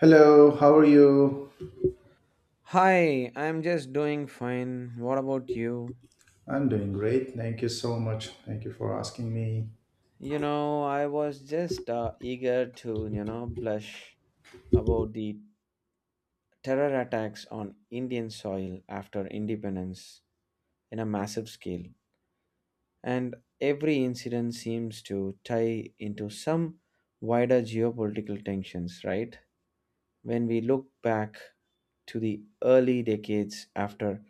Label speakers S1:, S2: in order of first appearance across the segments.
S1: Hello, how are you?
S2: Hi, I'm just doing fine. What about you?
S1: I'm doing great. Thank you so much. Thank you for asking me.
S2: I was just eager to, blush about the terror attacks on Indian soil after independence in a massive scale. And every incident seems to tie into some wider geopolitical tensions, right? When we look back to the early decades after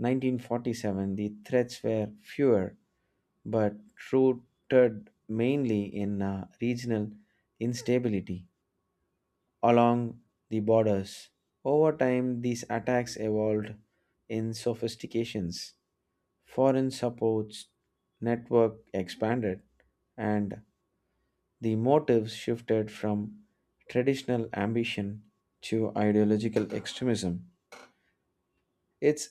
S2: 1947, the threats were fewer but rooted mainly in regional instability along the borders. Over time, these attacks evolved in sophistications. Foreign supports network expanded, and the motives shifted from traditional ambition to ideological extremism. It's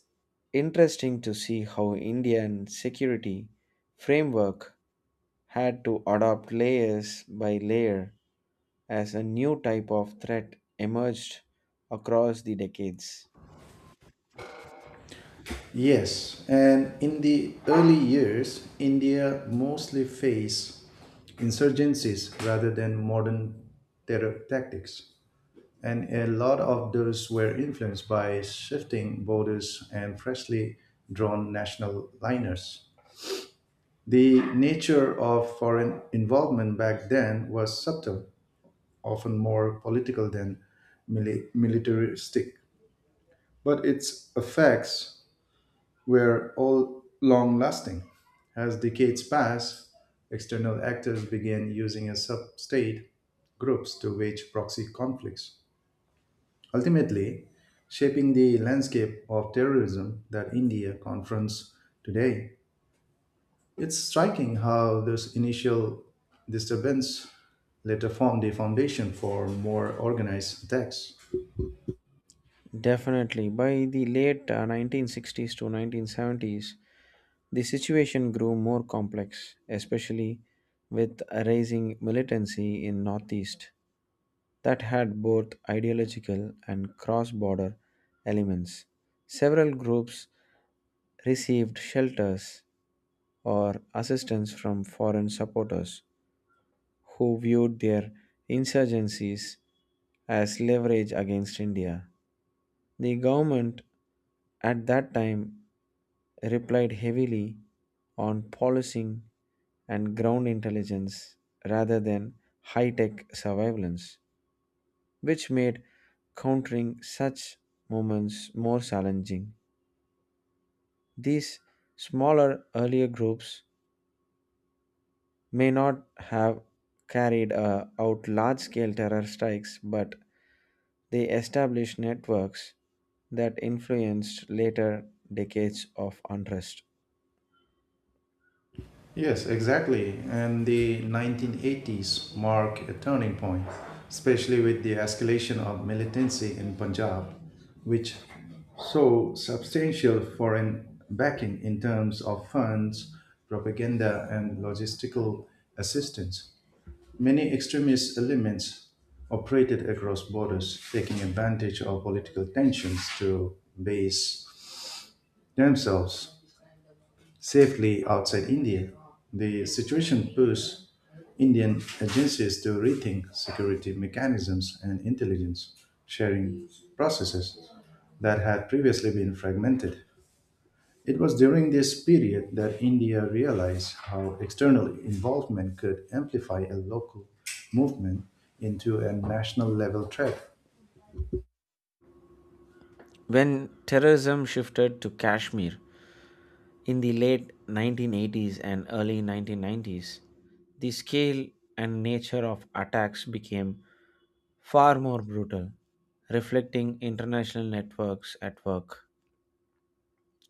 S2: interesting to see how Indian security framework had to adopt layers by layer as a new type of threat emerged across the decades.
S1: Yes, and in the early years, India mostly faced insurgencies rather than modern terror tactics. And a lot of those were influenced by shifting borders and freshly drawn national liners. The nature of foreign involvement back then was subtle often more political than militaristic. But its effects were all long lasting. As decades passed, external actors began using as sub state groups to wage proxy conflicts, ultimately shaping the landscape of terrorism that India confronts today. It's striking how this initial disturbance later formed the foundation for more organized attacks.
S2: Definitely, by the late 1960s to 1970s, the situation grew more complex, especially with a rising militancy in Northeast that had both ideological and cross-border elements. Several groups received shelters or assistance from foreign supporters who viewed their insurgencies as leverage against India. The government at that time replied heavily on policing and ground intelligence rather than high tech surveillance, which made countering such movements more challenging. These smaller earlier groups may not have carried out large scale terror strikes, but they established networks that influenced later decades of unrest.
S1: Yes, exactly. And the 1980s mark a turning point, especially with the escalation of militancy in Punjab, which saw substantial foreign backing in terms of funds, propaganda, and logistical assistance. Many extremist elements operated across borders, taking advantage of political tensions to base themselves safely outside India. The situation pushed Indian agencies to rethink security mechanisms and intelligence sharing processes that had previously been fragmented. It was during this period that India realized how external involvement could amplify a local movement into a national level threat.
S2: When terrorism shifted to Kashmir in the late 1980s and early 1990s, the scale and nature of attacks became far more brutal, reflecting international networks at work.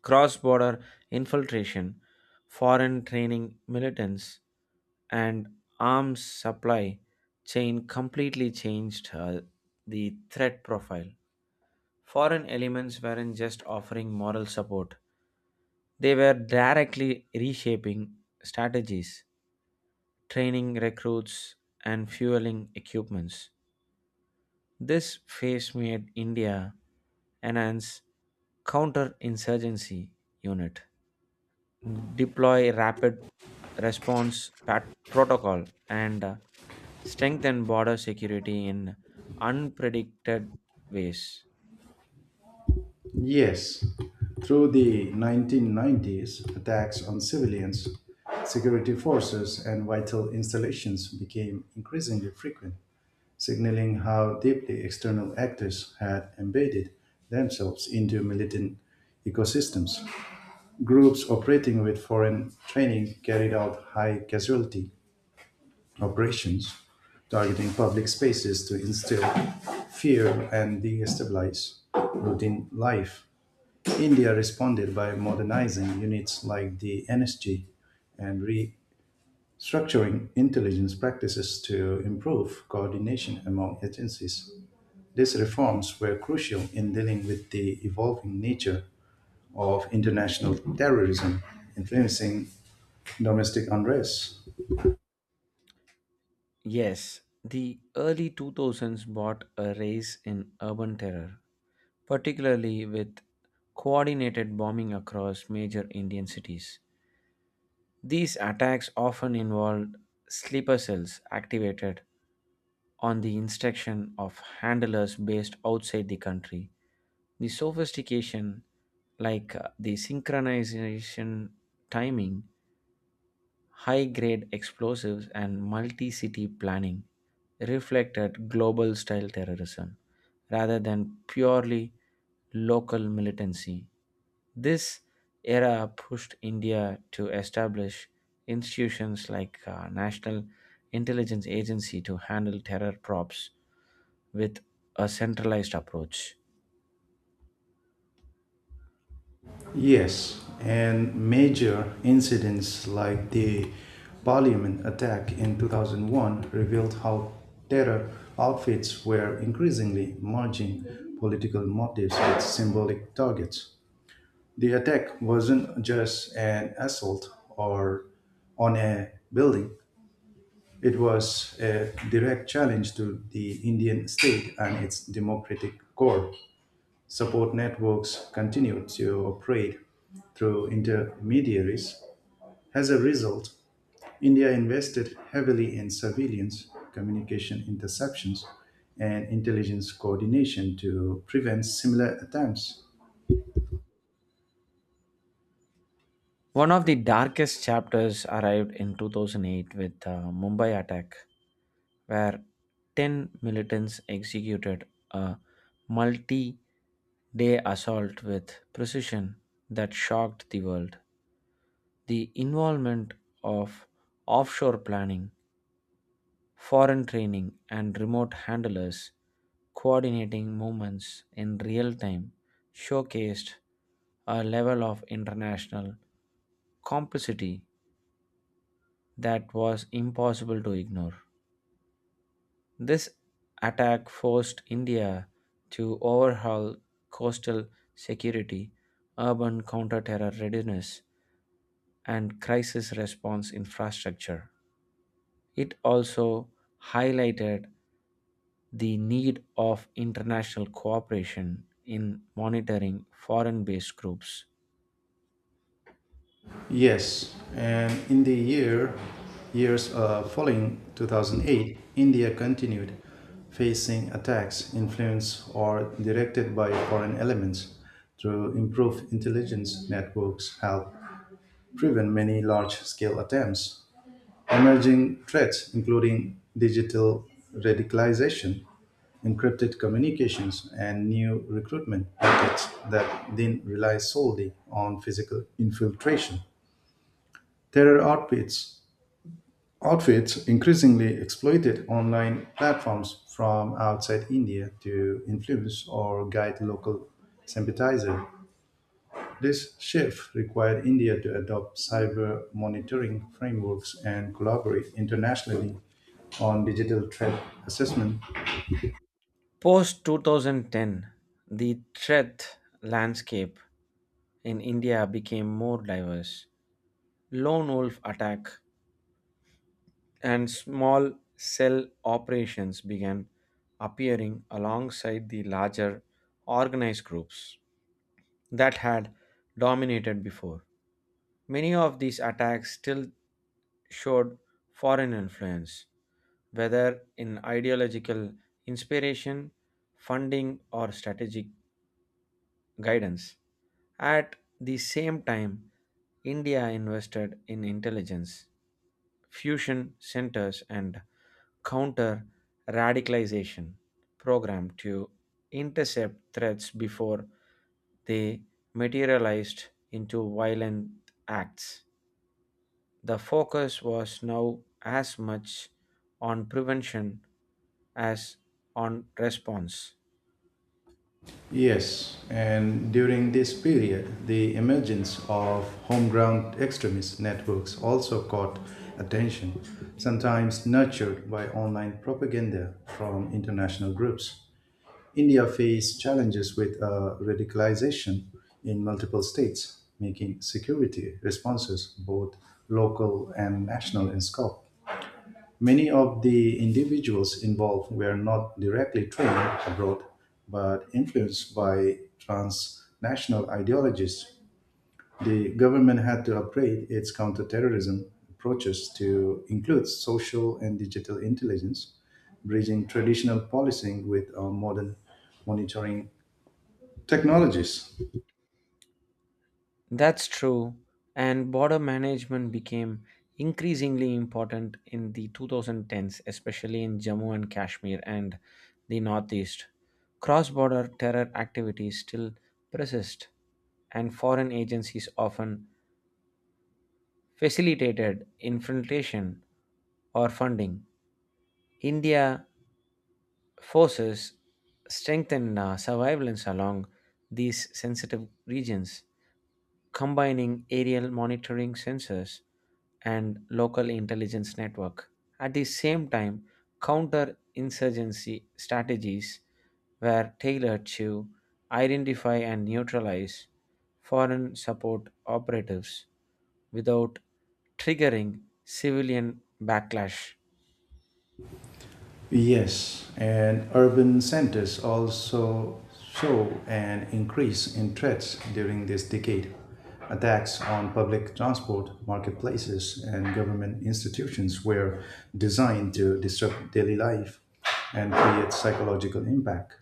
S2: Cross border infiltration, foreign training militants, and arms supply chain completely changed the threat profile. Foreign elements weren't just offering moral support, they were directly reshaping strategies, training recruits, and fueling equipments. This phase made India enhance counterinsurgency unit deploy rapid response protocol and strengthen border security in unpredicted ways.
S1: Yes, through the 1990s, attacks on civilians, security forces, and vital installations became increasingly frequent, signaling how deeply external actors had embedded themselves into militant ecosystems. Groups operating with foreign training carried out high casualty operations, targeting public spaces to instill fear and destabilize routine life. India responded by modernizing units like the NSG and restructuring intelligence practices to improve coordination among agencies. These reforms were crucial in dealing with the evolving nature of international terrorism, influencing domestic unrest.
S2: Yes, the early 2000s brought a rise in urban terror, particularly with coordinated bombing across major Indian cities. These attacks often involved sleeper cells activated on the instruction of handlers based outside the country. The sophistication, like the synchronization timing, high grade explosives, and multi city planning, reflected global style terrorism rather than purely local militancy. This era pushed India to establish institutions like National Intelligence Agency to handle terror props with a centralized approach.
S1: Yes, and major incidents like the parliament attack in 2001 revealed how terror outfits were increasingly merging political motives with symbolic targets. The attack wasn't just an assault or on a building, it was a direct challenge to the Indian state and its democratic core support networks continue to operate through intermediaries. As a result, India invested heavily in surveillance, communication interceptions, and intelligence coordination to prevent similar attempts.
S2: One of the darkest chapters arrived in 2008 with the Mumbai attack, where 10 militants executed a multi day assault with precision that shocked the world. The involvement of offshore planning, foreign training, and remote handlers coordinating movements in real time showcased a level of international complicity that was impossible to ignore. This attack forced India to overhaul coastal security, urban counter-terror readiness, and crisis response infrastructure. It also highlighted the need of international cooperation in monitoring foreign based groups.
S1: Yes, and in the years following 2008, India continued facing attacks influenced or directed by foreign elements through improved intelligence networks help driven many large scale attempts. Emerging threats, including digital radicalization, encrypted communications, and new recruitment methods that then rely solely on physical infiltration. Terror outfits, outfits increasingly exploited online platforms from outside India to influence or guide local sympathizers. This shift required India to adopt cyber monitoring frameworks and collaborate internationally on digital threat assessment.
S2: Post 2010, the threat landscape in India became more diverse. Lone wolf attack and small cell operations began appearing alongside the larger organized groups that had dominated before. Many of these attacks still showed foreign influence, whether in ideological inspiration, funding, or strategic guidance. At the same time, India invested in intelligence fusion centers and counter radicalization program to intercept threats before they materialized into violent acts. The focus was now as much on prevention as on response.
S1: Yes, and during this period, the emergence of homegrown extremist networks also caught attention, sometimes nurtured by online propaganda from international groups. India faced challenges with radicalization in multiple states, making security responses both local and national in scope. Many of the individuals involved were not directly trained abroad, but influenced by transnational ideologies. The government had to upgrade its counterterrorism approaches to include social and digital intelligence, bridging traditional policing with modern monitoring technologies.
S2: That's true, and border management became increasingly important in the 2010s, especially in Jammu and Kashmir and the Northeast. Cross border terror activities still persist, and foreign agencies often facilitated infiltration or funding. India forces strengthened surveillance along these sensitive regions combining aerial monitoring sensors and local intelligence network. At the same time, counter-insurgency strategies were tailored to identify and neutralize foreign support operatives without triggering civilian backlash.
S1: Yes, and urban centers also show an increase in threats during this decade. Attacks on public transport, marketplaces, and government institutions were designed to disrupt daily life and create psychological impact.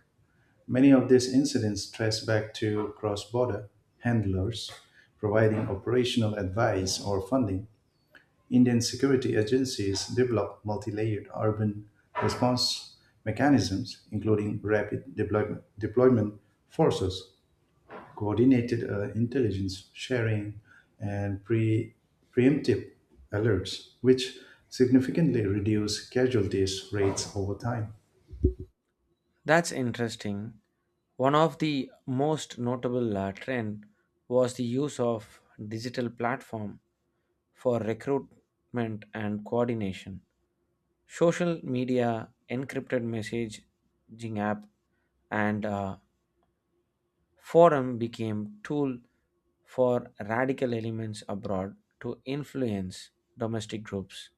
S1: Many of these incidents trace back to cross border handlers providing operational advice or funding Indian security agencies developed multi-layered urban response mechanisms, including rapid deployment forces, coordinated intelligence sharing, and preemptive alerts, which significantly reduce casualties rates over time.
S2: That's interesting. One of the most notable trend was the use of digital platform for recruitment and coordination. Social media, encrypted messaging app, and forum became tool for radical elements abroad to influence domestic groups.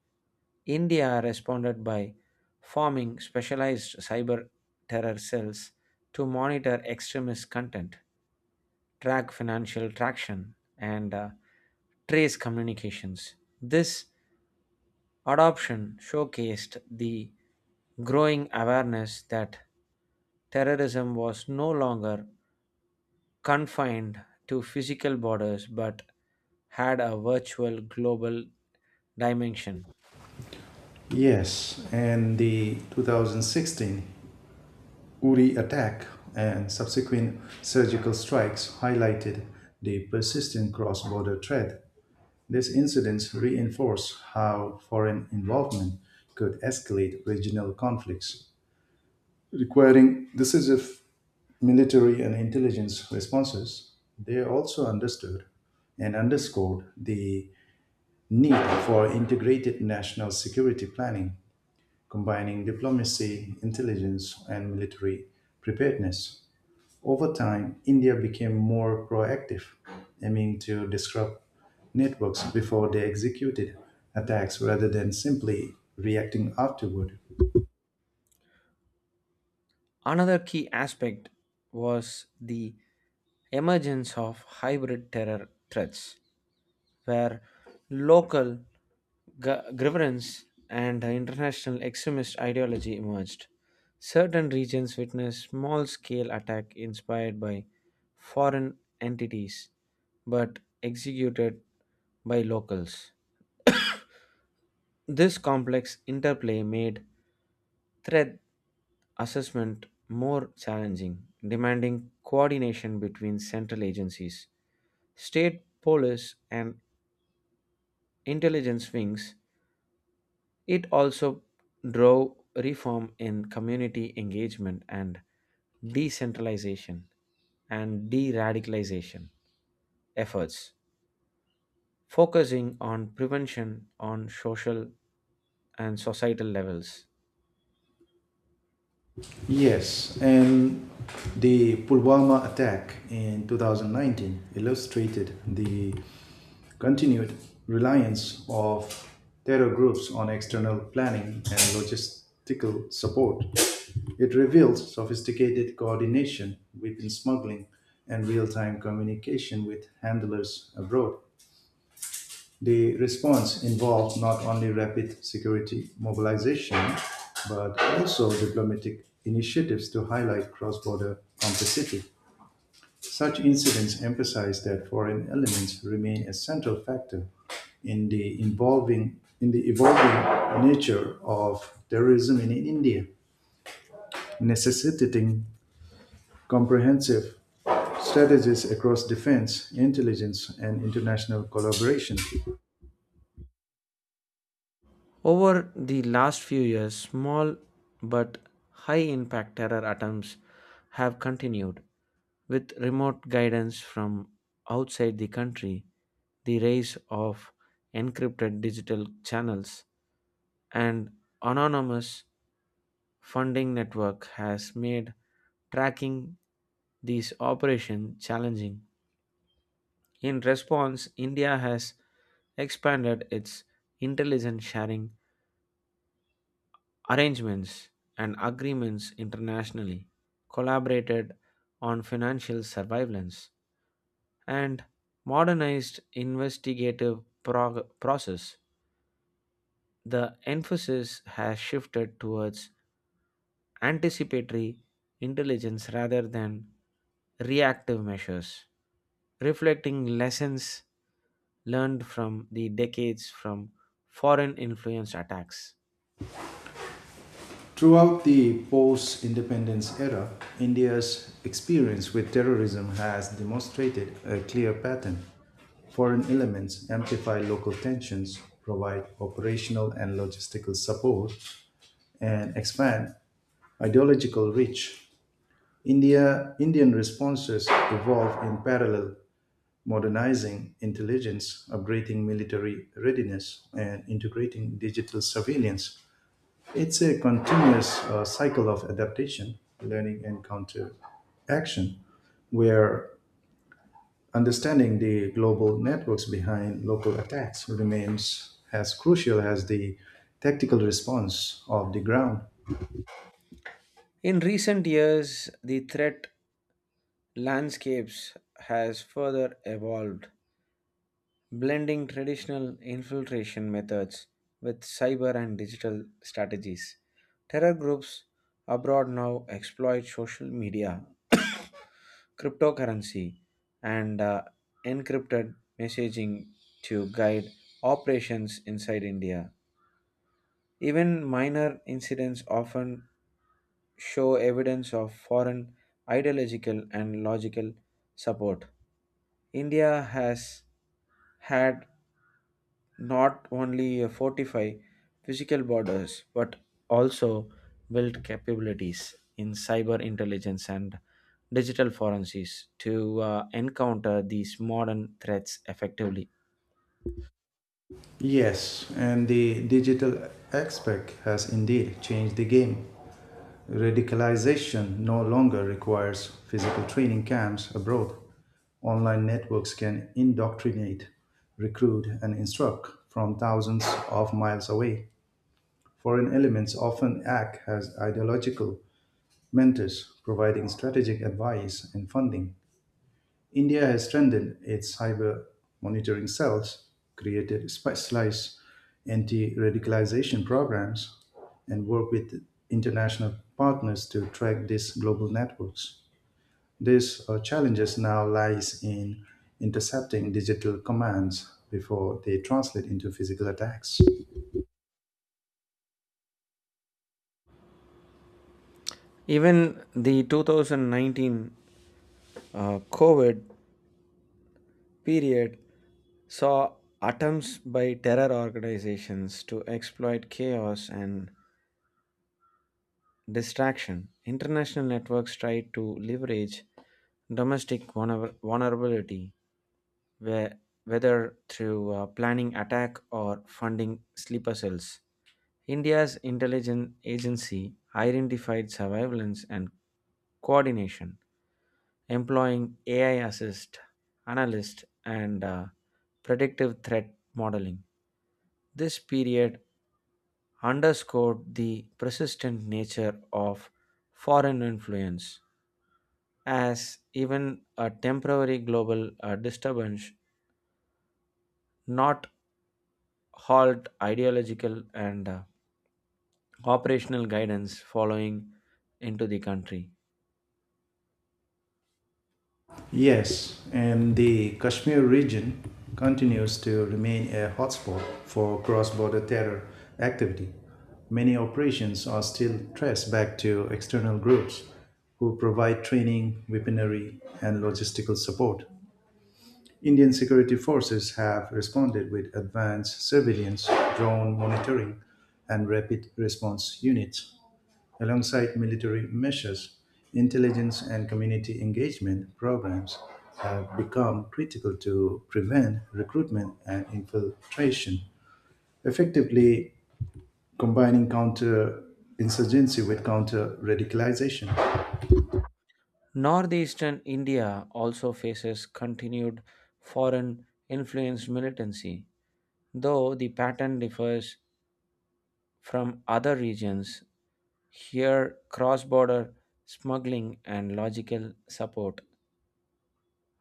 S2: India responded by forming specialized cyber terror cells to monitor extremist content, track financial traction, and trace communications. This adoption showcased the growing awareness that terrorism was no longer confined to physical borders but had a virtual global dimension.
S1: Yes, and the 2016 Uri attack and subsequent surgical strikes highlighted the persistent cross border threat. These incidents reinforce how foreign involvement could escalate regional conflicts, requiring decisive military and intelligence responses. They also understood and underscored the need for integrated national security planning, combining diplomacy, intelligence, and military preparedness. Over time, India became more proactive, aiming to disrupt networks before they executed attacks rather than simply reacting afterward.
S2: Another key aspect was the emergence of hybrid terror threats, where local grievance and international extremist ideology emerged. Certain regions witnessed small scale attack inspired by foreign entities but executed by locals. This complex interplay made threat assessment more challenging, demanding coordination between central agencies, state police, and intelligence wings. It also drove reform in community engagement and decentralization and de radicalization efforts, focusing on prevention on social and societal levels.
S1: Yes, and the Pulwama attack in 2019 illustrated the continued reliance of terror groups on external planning and logistical support. It reveals sophisticated coordination, weapon smuggling, and real time communication with handlers abroad. The response involved not only rapid security mobilization but also diplomatic initiatives to highlight cross-border complicity. Such incidents emphasize that foreign elements remain a central factor in the evolving nature of terrorism in India, necessitating comprehensive strategies across defense, intelligence, and international collaboration.
S2: Over the last few years, small but high impact terror attempts have continued. With remote guidance from outside the country, the rise of encrypted digital channels, and anonymous funding network has made tracking these operations challenging. In response, India has expanded its intelligence sharing arrangements and agreements internationally, collaborated on financial surveillance, and modernized investigative process. The emphasis has shifted towards anticipatory intelligence rather than reactive measures, reflecting lessons learned from the decades from foreign influence attacks.
S1: Throughout the post independence era, India's experience with terrorism has demonstrated a clear pattern. Foreign elements amplify local tensions, provide operational and logistical support, and expand ideological reach. Indian responses evolve in parallel, modernizing intelligence, upgrading military readiness, and integrating digital surveillance it's a continuous cycle of adaptation, learning, and counteraction, where understanding the global networks behind local attacks remains as crucial as the tactical response of the ground.
S2: In recent years, the threat landscapes has further evolved, blending traditional infiltration methods with cyber and digital strategies. Terror groups abroad now exploit social media, cryptocurrency, and encrypted messaging to guide operations inside India. Even minor incidents often show evidence of foreign ideological and logical support. India has had not only a fortified physical borders but also built capabilities in cyber intelligence and digital forensics to encounter these modern threats effectively.
S1: Yes, and the digital aspect has indeed changed the game. Radicalization no longer requires physical training camps abroad. Online networks can indoctrinate, recruit, and instruct from thousands of miles away. Foreign elements often act as ideological mentors, providing strategic advice and funding. India has strengthened its cyber monitoring cells, created specialized anti radicalization programs, and worked with international partners to track these global networks. These challenges now lies in intercepting digital commands before they translate into physical attacks.
S2: Even the 2019 COVID period saw attempts by terror organizations to exploit chaos and distraction. International networks try to leverage domestic vulnerability, where, whether through planning attack or funding sleeper cells. India's intelligence agency identified surveillance and coordination, employing AI assist, analyst, and predictive threat modeling. This period underscored the persistent nature of foreign influence, as even a temporary global disturbance not halt ideological and operational guidance following into the country.
S1: Yes, and the Kashmir region continues to remain a hotspot for cross border terror activity. Many operations are still traced back to external groups who provide training, weaponry, and logistical support. Indian security forces have responded with advanced surveillance, drone monitoring, and rapid response units. Alongside military measures, intelligence and community engagement programs have become critical to prevent recruitment and infiltration, effectively combining counter insurgency with counter radicalization.
S2: Northeastern India also faces continued foreign influence militancy, though the pattern differs from other regions. Here, cross border smuggling and logical support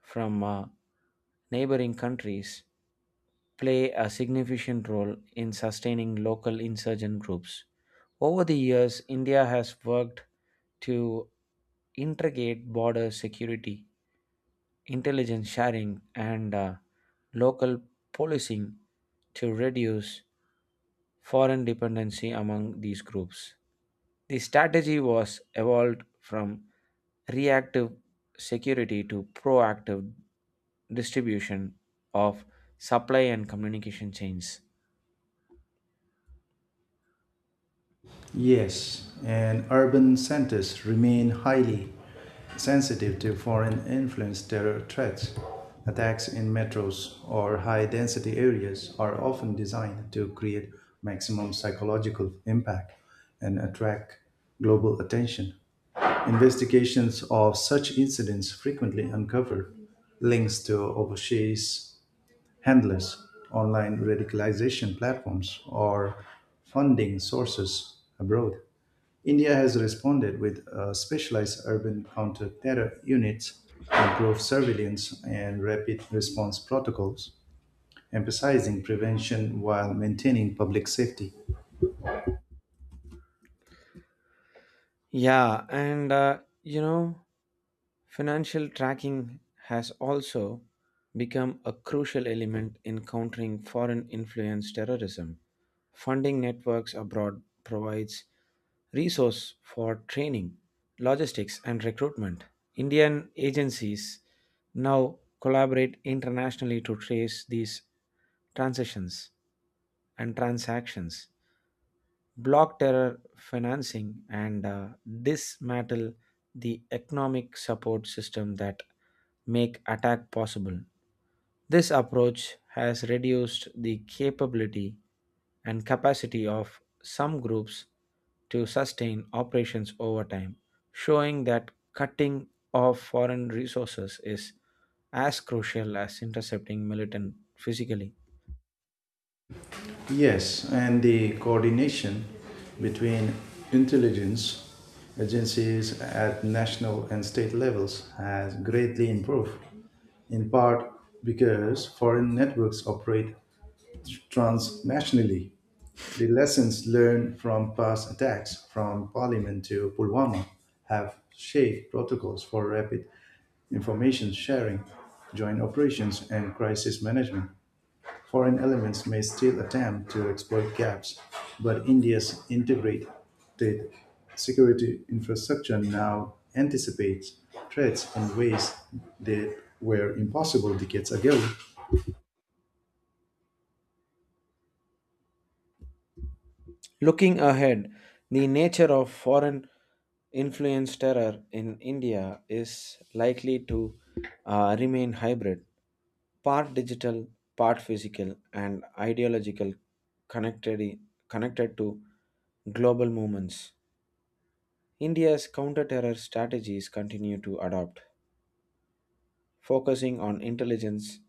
S2: from neighboring countries play a significant role in sustaining local insurgent groups. Over the years, India has worked to integrate border security, intelligence sharing, and local policing to reduce foreign dependency among these groups. The strategy was evolved from reactive security to proactive distribution of supply and communication chains.
S1: Yes, and urban centers remain highly sensitive to foreign influence terror threats. Attacks in metros or high density areas are often designed to create maximum psychological impact and attract global attention. Investigations of such incidents frequently uncover links to overseas handlers, online radicalization platforms, or funding sources abroad. India has responded with specialized urban counter-terror units, improved surveillance, and rapid response protocols, emphasizing prevention while maintaining public safety.
S2: Yeah, and financial tracking has also become a crucial element in countering foreign influence terrorism. Funding networks abroad provides resource for training, logistics and recruitment. Indian agencies now collaborate internationally to trace these transitions and transactions block terror financing and dismantle the economic support system that make attack possible. This approach has reduced the capability and capacity of some groups to sustain operations over time, showing that cutting off foreign resources is as crucial as intercepting militant physically.
S1: Yes, and the coordination between intelligence agencies at national and state levels has greatly improved, in part because foreign networks operate transnationally. The lessons learned from past attacks, from Parliament to Pulwama, have shaped protocols for rapid information sharing, joint operations, and crisis management. Foreign elements may still attempt to exploit gaps, but India's integrated security infrastructure now anticipates threats in ways that were impossible decades ago.
S2: Looking ahead, the nature of foreign influence terror in India is likely to remain hybrid, part digital, part physical, and ideological, connected, connected to global movements. India's counter terror strategies continue to adopt, focusing on intelligence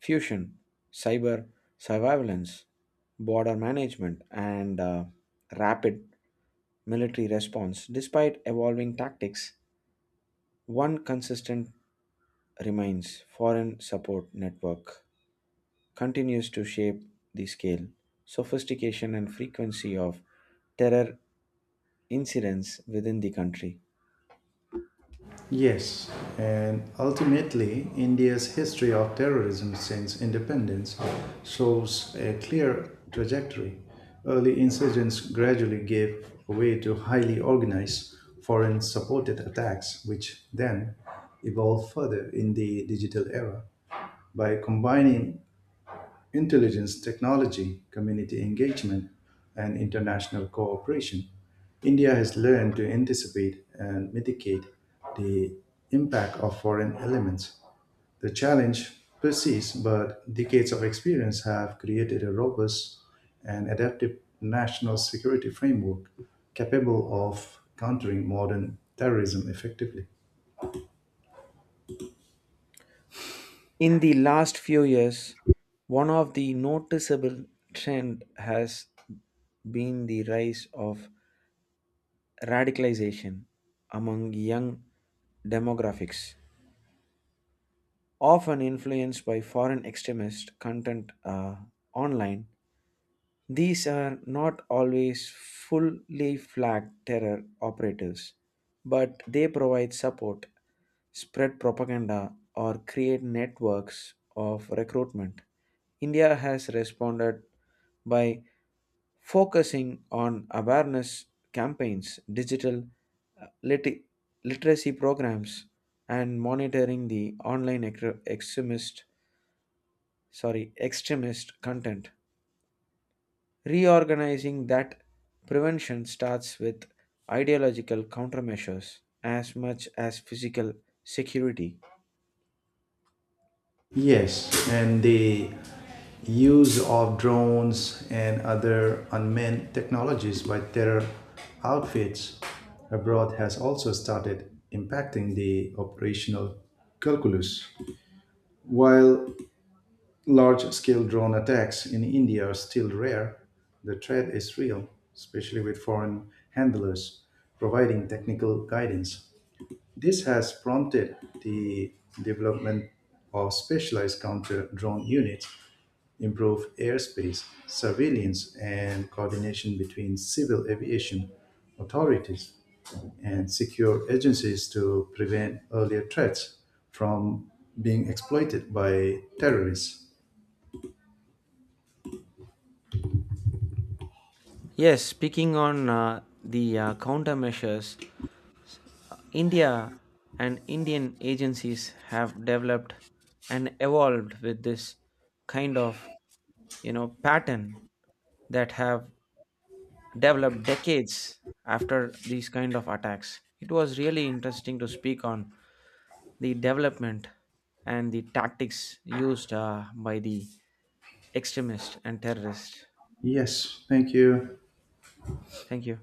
S2: fusion, cyber surveillance, border management, and rapid military response. Despite evolving tactics, one consistent remains foreign support network continues to shape the scale, sophistication, and frequency of terror incidents within the country.
S1: Yes, and ultimately, India's history of terrorism since independence shows a clear trajectory. Early insurgents gradually gave way to highly organized foreign supported attacks, which then evolved further in the digital era. By combining intelligence, technology, community engagement, and international cooperation, India has learned to anticipate and mitigate the impact of foreign elements. The challenge persists, but decades of experience have created a robust and adaptive national security framework capable of countering modern terrorism effectively.
S2: In the last few years, one of the noticeable trend has been the rise of radicalization among young demographics, often influenced by foreign extremist content online. These are not always fully flagged terror operatives, but they provide support spread propaganda, or create networks of recruitment. India has responded by focusing on awareness campaigns, digital uh, lit- literacy programs, and monitoring the online extremist content. Reorganizing that prevention starts with ideological countermeasures as much as physical security.
S1: Yes, and the use of drones and other unmanned technologies by terror outfits abroad has also started impacting the operational calculus. While large scale drone attacks in India are still rare, the threat is real, especially with foreign handlers providing technical guidance. This has prompted the development of specialized counter drone units improve airspace surveillance and coordination between civil aviation authorities and secure agencies to prevent earlier threats from being exploited by terrorists.
S2: Yes, speaking on the countermeasures, India and Indian agencies have developed and evolved with this kind of pattern that have developed decades after these kind of attacks. It was really interesting to speak on the development and the tactics used by the extremist and terrorist.
S1: Yes, thank you.
S2: Thank you.